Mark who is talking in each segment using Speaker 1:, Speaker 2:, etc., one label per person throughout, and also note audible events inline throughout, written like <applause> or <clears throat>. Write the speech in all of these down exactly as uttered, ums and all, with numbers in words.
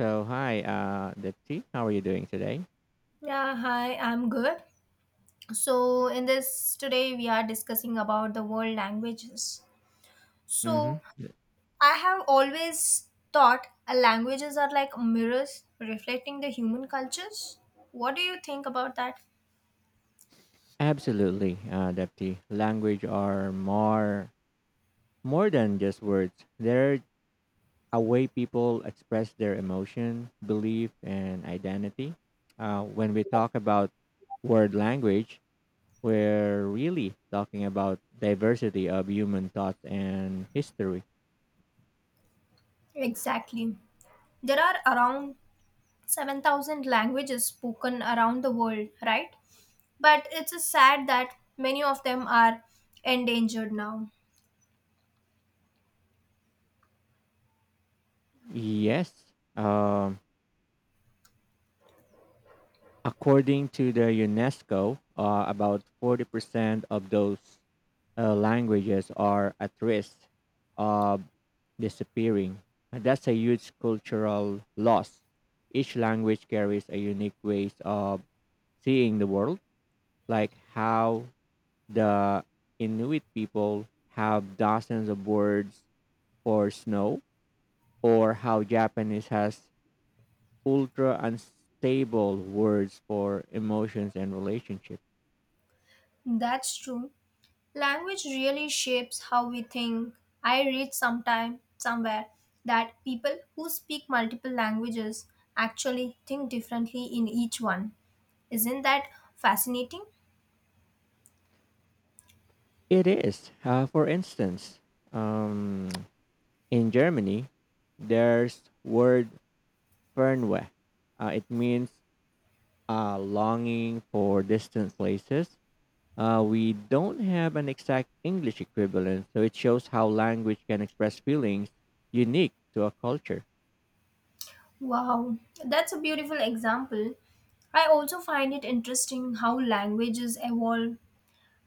Speaker 1: So, hi, uh, Dipti. How are you doing today?
Speaker 2: Yeah, hi, I'm good. So, in this today, we are discussing about the world languages.
Speaker 1: Mm-hmm.
Speaker 2: So, I have always thought uh, languages are like mirrors reflecting the human cultures. What do you think about that?
Speaker 1: Absolutely, uh, Dipti. Language are more more than just words. They're a way people express their emotion, belief, and identity. Uh, when we talk about word language, we're really talking about diversity of human thought and history.
Speaker 2: Exactly. There are around seven thousand languages spoken around the world, right? But it's sad that many of them are endangered now.
Speaker 1: Yes. Um, According to the UNESCO, uh, about forty percent of those uh, languages are at risk of disappearing. And that's a huge cultural loss. Each language carries a unique ways of seeing the world, like how the Inuit people have dozens of words for snow, or how Japanese has ultra unstable words for emotions and relationships.
Speaker 2: That's true. Language really shapes how we think. I read sometime somewhere that people who speak multiple languages actually think differently in each one. Isn't that fascinating?
Speaker 1: It is. Uh, for instance, um, in Germany, there's word Fernweh. Uh, it means uh, longing for distant places. Uh, we don't have an exact English equivalent, so it shows how language can express feelings unique to a culture.
Speaker 2: Wow, that's a beautiful example. I also find it interesting how languages evolve.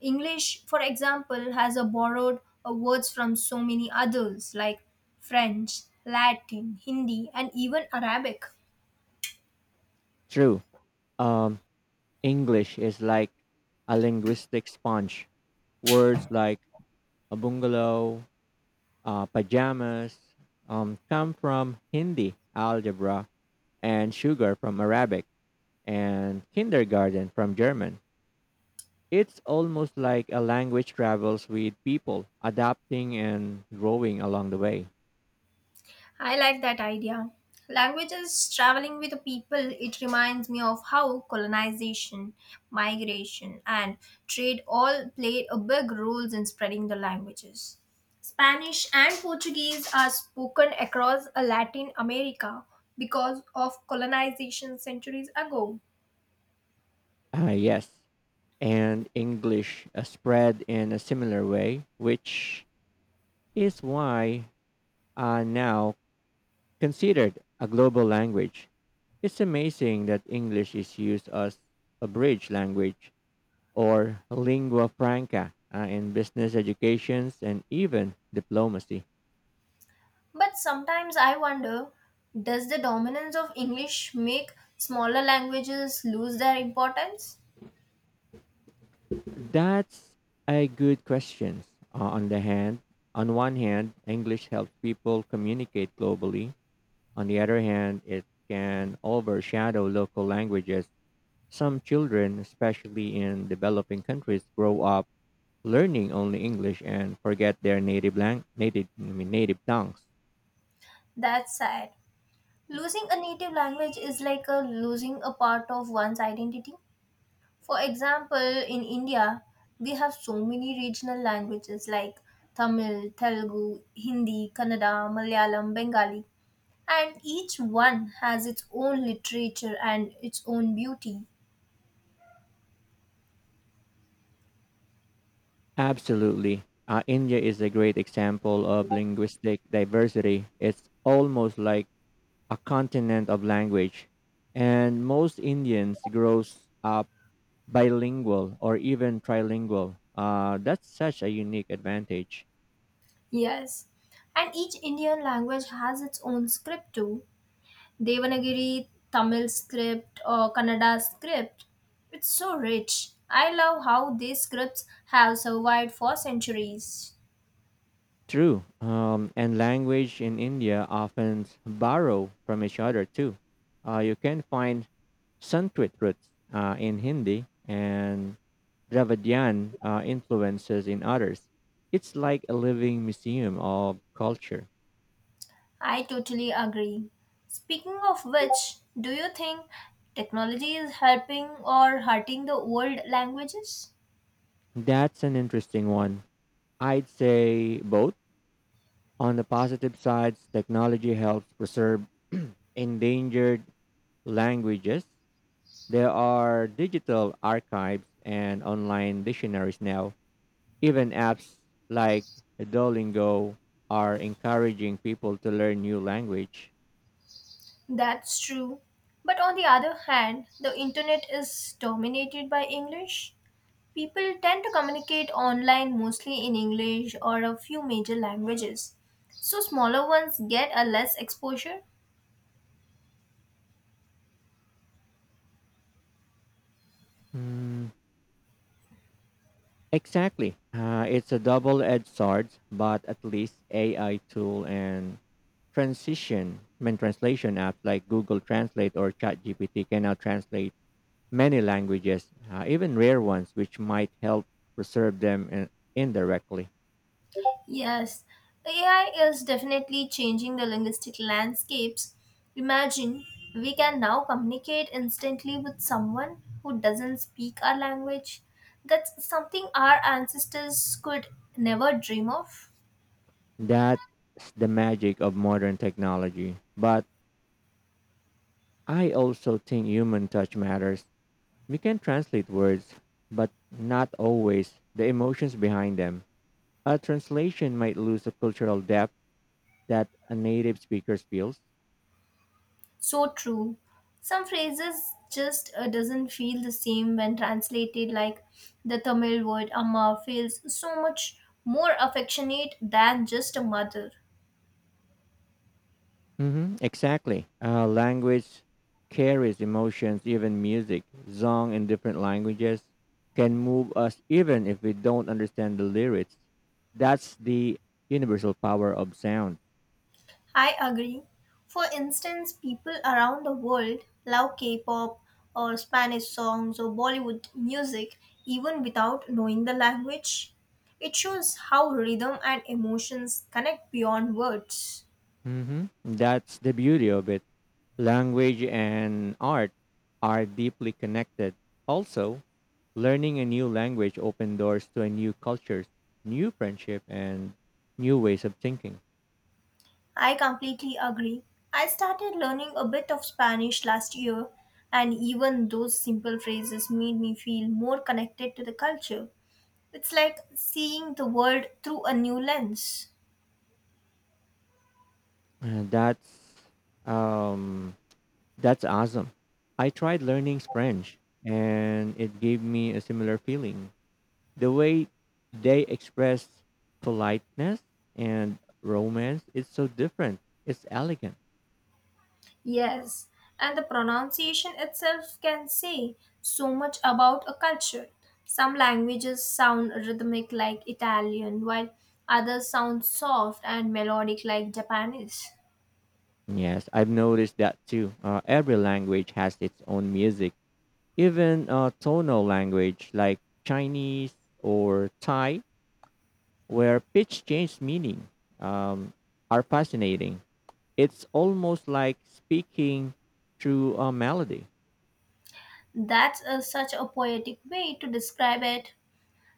Speaker 2: English, for example, has a borrowed uh, words from so many others like French, Latin, Hindi, and even Arabic.
Speaker 1: True. Um, English is like a linguistic sponge. Words like a bungalow, uh, pajamas um, come from Hindi algebra and sugar from Arabic and kindergarten from German. It's almost like a language travels with people, adapting and growing along the way.
Speaker 2: I like that idea. Language is traveling with the people. It reminds me of how colonization, migration, and trade all played a big role in spreading the languages. Spanish and Portuguese are spoken across uh, Latin America because of colonization centuries ago.
Speaker 1: Ah, yes. And English uh, spread in a similar way, which is why uh, now considered a global language. It's amazing that English is used as a bridge language or lingua franca uh, in business educations and even diplomacy?
Speaker 2: But sometimes I wonder, does the dominance of English make smaller languages lose their importance?
Speaker 1: That's a good question. Uh, on the hand, on one hand, English helps people communicate globally. On the other hand, it can overshadow local languages. Some children, especially in developing countries, grow up learning only English and forget their native lang- native I mean, native tongues.
Speaker 2: That's sad. Losing a native language is like a losing a part of one's identity. For example, in India, we have so many regional languages like Tamil, Telugu, Hindi, Kannada, Malayalam, Bengali, and each one has its own literature and its own beauty.
Speaker 1: Absolutely. Uh, India is a great example of linguistic diversity. It's almost like a continent of language. And most Indians grows up bilingual or even trilingual. Uh, that's such a unique advantage.
Speaker 2: Yes, and each Indian language has its own script too. Devanagari, Tamil script, or Kannada script. It's so rich. I love how these scripts have survived for centuries.
Speaker 1: True. Um, and language in India often borrow from each other too. Uh, you can find Sanskrit roots uh, in Hindi and Dravidian uh, influences in others. It's like a living museum of culture.
Speaker 2: I totally agree. Speaking of which, do you think technology is helping or hurting the old languages?
Speaker 1: That's an interesting one. I'd say both. On the positive sides, technology helps preserve <clears throat> endangered languages. There are digital archives and online dictionaries now. Even apps like Duolingo are encouraging people to learn new language.
Speaker 2: That's true. But on the other hand, the internet is dominated by English. People tend to communicate online mostly in English or a few major languages, so smaller ones get a less exposure.
Speaker 1: Mm, exactly. Uh, it's a double-edged sword, but at least A I tool and transition, I mean, translation apps like Google Translate or ChatGPT can now translate many languages, uh, even rare ones, which might help preserve them in, indirectly.
Speaker 2: Yes, A I is definitely changing the linguistic landscapes. Imagine we can now communicate instantly with someone who doesn't speak our language. That's something our ancestors could never dream of.
Speaker 1: That's the magic of modern technology. But I also think human touch matters. We can translate words, but not always the emotions behind them. A translation might lose the cultural depth that a native speaker feels.
Speaker 2: So true. Some phrases just uh, doesn't feel the same when translated, like the Tamil word amma feels so much more affectionate than just a mother.
Speaker 1: hmm Exactly. Uh, language carries emotions, even music. Song in different languages can move us even if we don't understand the lyrics. That's the universal power of sound.
Speaker 2: I agree. For instance, people around the world love K-pop or Spanish songs or Bollywood music even without knowing the language. It shows how rhythm and emotions connect beyond words.
Speaker 1: hmm That's the beauty of it. Language and art are deeply connected. Also, learning a new language opened doors to a new culture, new friendship, and new ways of thinking.
Speaker 2: I completely agree. I started learning a bit of Spanish last year, and even those simple phrases made me feel more connected to the culture. It's like seeing the world through a new lens.
Speaker 1: And that's um, that's awesome. I tried learning French, and it gave me a similar feeling. The way they express politeness and romance is so different. It's elegant.
Speaker 2: Yes, and the pronunciation itself can say so much about a culture. Some languages sound rhythmic like Italian, while others sound soft and melodic like Japanese.
Speaker 1: Yes, I've noticed that too. Uh, every language has its own music. Even uh, tonal language like Chinese or Thai, where pitch changes meaning, um, are fascinating. It's almost like speaking through a melody.
Speaker 2: That's a, such a poetic way to describe it.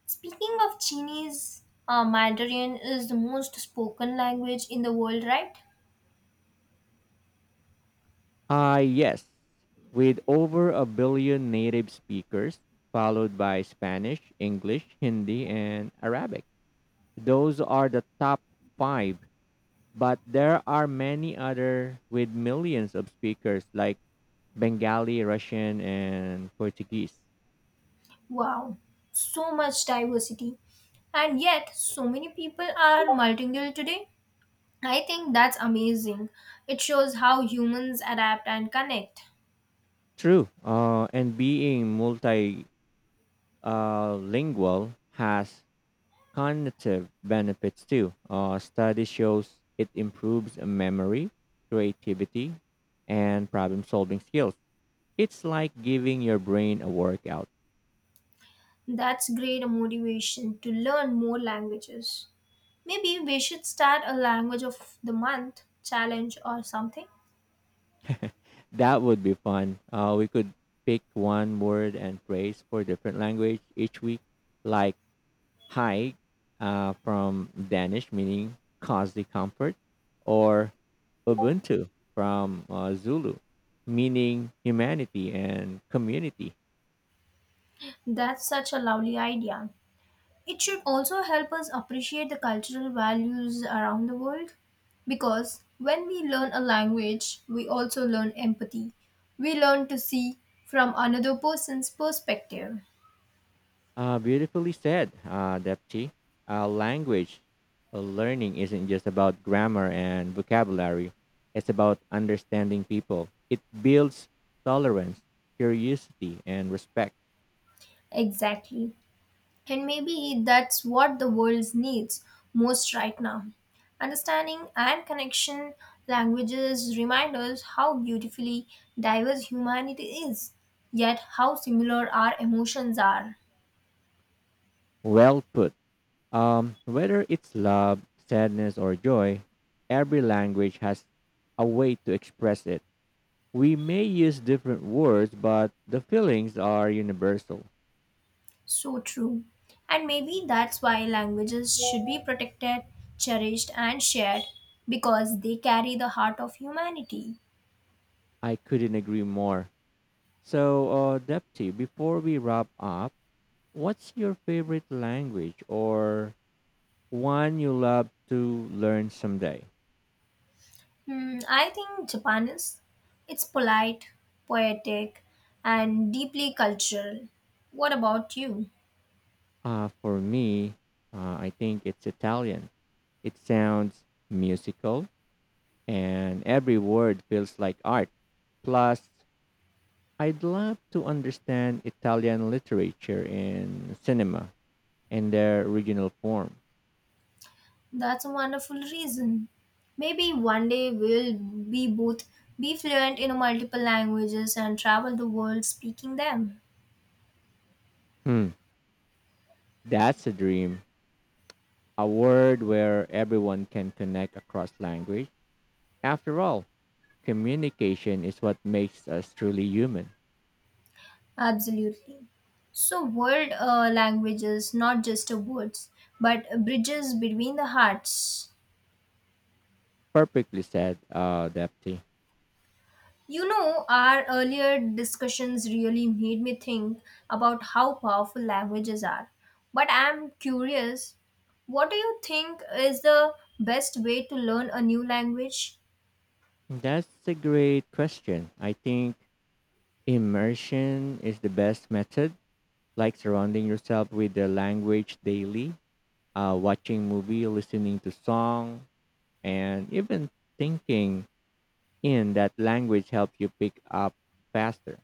Speaker 2: Speaking of Chinese, uh, Mandarin is the most spoken language in the world, right?
Speaker 1: Ah, yes. With over a billion native speakers, followed by Spanish, English, Hindi, and Arabic. Those are the top five, but there are many other with millions of speakers like Bengali, Russian, and Portuguese.
Speaker 2: Wow, so much diversity. And yet, so many people are multilingual today. I think that's amazing. It shows how humans adapt and connect.
Speaker 1: True. Uh, and being multilingual uh, lingual has cognitive benefits too. Uh, study shows it improves memory, creativity, and problem solving skills. It's like giving your brain a workout.
Speaker 2: That's great motivation to learn more languages. Maybe we should start a language of the month challenge or something.
Speaker 1: That would be fun. Uh, we could pick one word and phrase for different language each week, like hike uh, from Danish, meaning cozy comfort, or Ubuntu from uh, Zulu, meaning humanity and community.
Speaker 2: That's such a lovely idea. It should also help us appreciate the cultural values around the world because when we learn a language, we also learn empathy. We learn to see from another person's perspective.
Speaker 1: Uh, beautifully said, uh, Depti. Uh, language uh, learning isn't just about grammar and vocabulary, it's about understanding people. It builds tolerance, curiosity, and respect.
Speaker 2: Exactly. And maybe that's what the world needs most right now. Understanding and connection, languages remind us how beautifully diverse humanity is, yet how similar our emotions are.
Speaker 1: Well put. Um, whether it's love, sadness, or joy, every language has a way to express it. We may use different words, but the feelings are universal.
Speaker 2: So true. And maybe that's why languages should be protected, cherished, and shared because they carry the heart of humanity.
Speaker 1: I couldn't agree more. So, uh, Depti, before we wrap up, what's your favorite language or one you love to learn someday?
Speaker 2: Hmm, I think Japan is. It's polite, poetic, and deeply cultural. What about you?
Speaker 1: Uh, for me, uh, I think it's Italian. It sounds musical, and every word feels like art. Plus, I'd love to understand Italian literature and cinema in their original form.
Speaker 2: That's a wonderful reason. Maybe one day we'll be both be fluent in multiple languages and travel the world speaking them.
Speaker 1: Hmm, that's a dream. A world where everyone can connect across language. After all, communication is what makes us truly human.
Speaker 2: Absolutely. So, world uh, languages, not just a words, but bridges between the hearts.
Speaker 1: Perfectly said, uh, Depti.
Speaker 2: You know, our earlier discussions really made me think about how powerful languages are. But I'm curious, what do you think is the best way to learn a new language?
Speaker 1: That's a great question. I think immersion is the best method, like surrounding yourself with the language daily, uh, watching movie, listening to song, and even thinking in that language helps you pick up faster.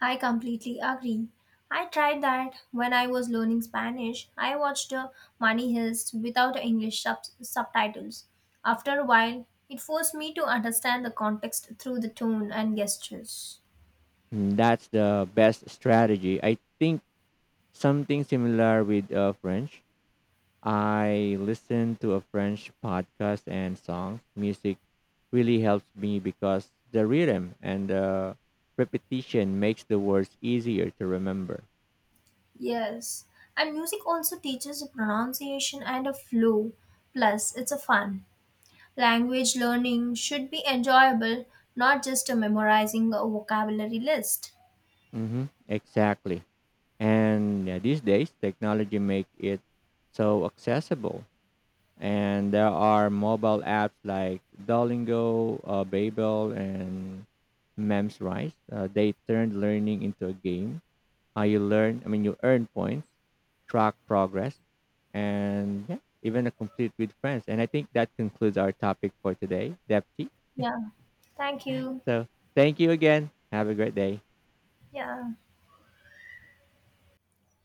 Speaker 2: I completely agree. I tried that when I was learning Spanish. I watched uh, Money Heist without English sub- subtitles. After a while, it forced me to understand the context through the tone and gestures.
Speaker 1: Mm, that's the best strategy. I think something similar with uh, French. I listen to a French podcast and song. Music really helps me because the rhythm and the repetition makes the words easier to remember.
Speaker 2: Yes, and music also teaches pronunciation and a flow. Plus, it's a fun. Language learning should be enjoyable, not just uh, memorizing a vocabulary list.
Speaker 1: Mm-hmm. Exactly. And yeah, these days, technology make it so accessible. And there are mobile apps like Duolingo, uh, Babel, and Memrise. Uh, they turned learning into a game. How you learn, I mean, You earn points, track progress, and yeah, even a complete with friends. And I think that concludes our topic for today, Depti.
Speaker 2: Yeah, thank you.
Speaker 1: So thank you again. Have a great day.
Speaker 2: Yeah.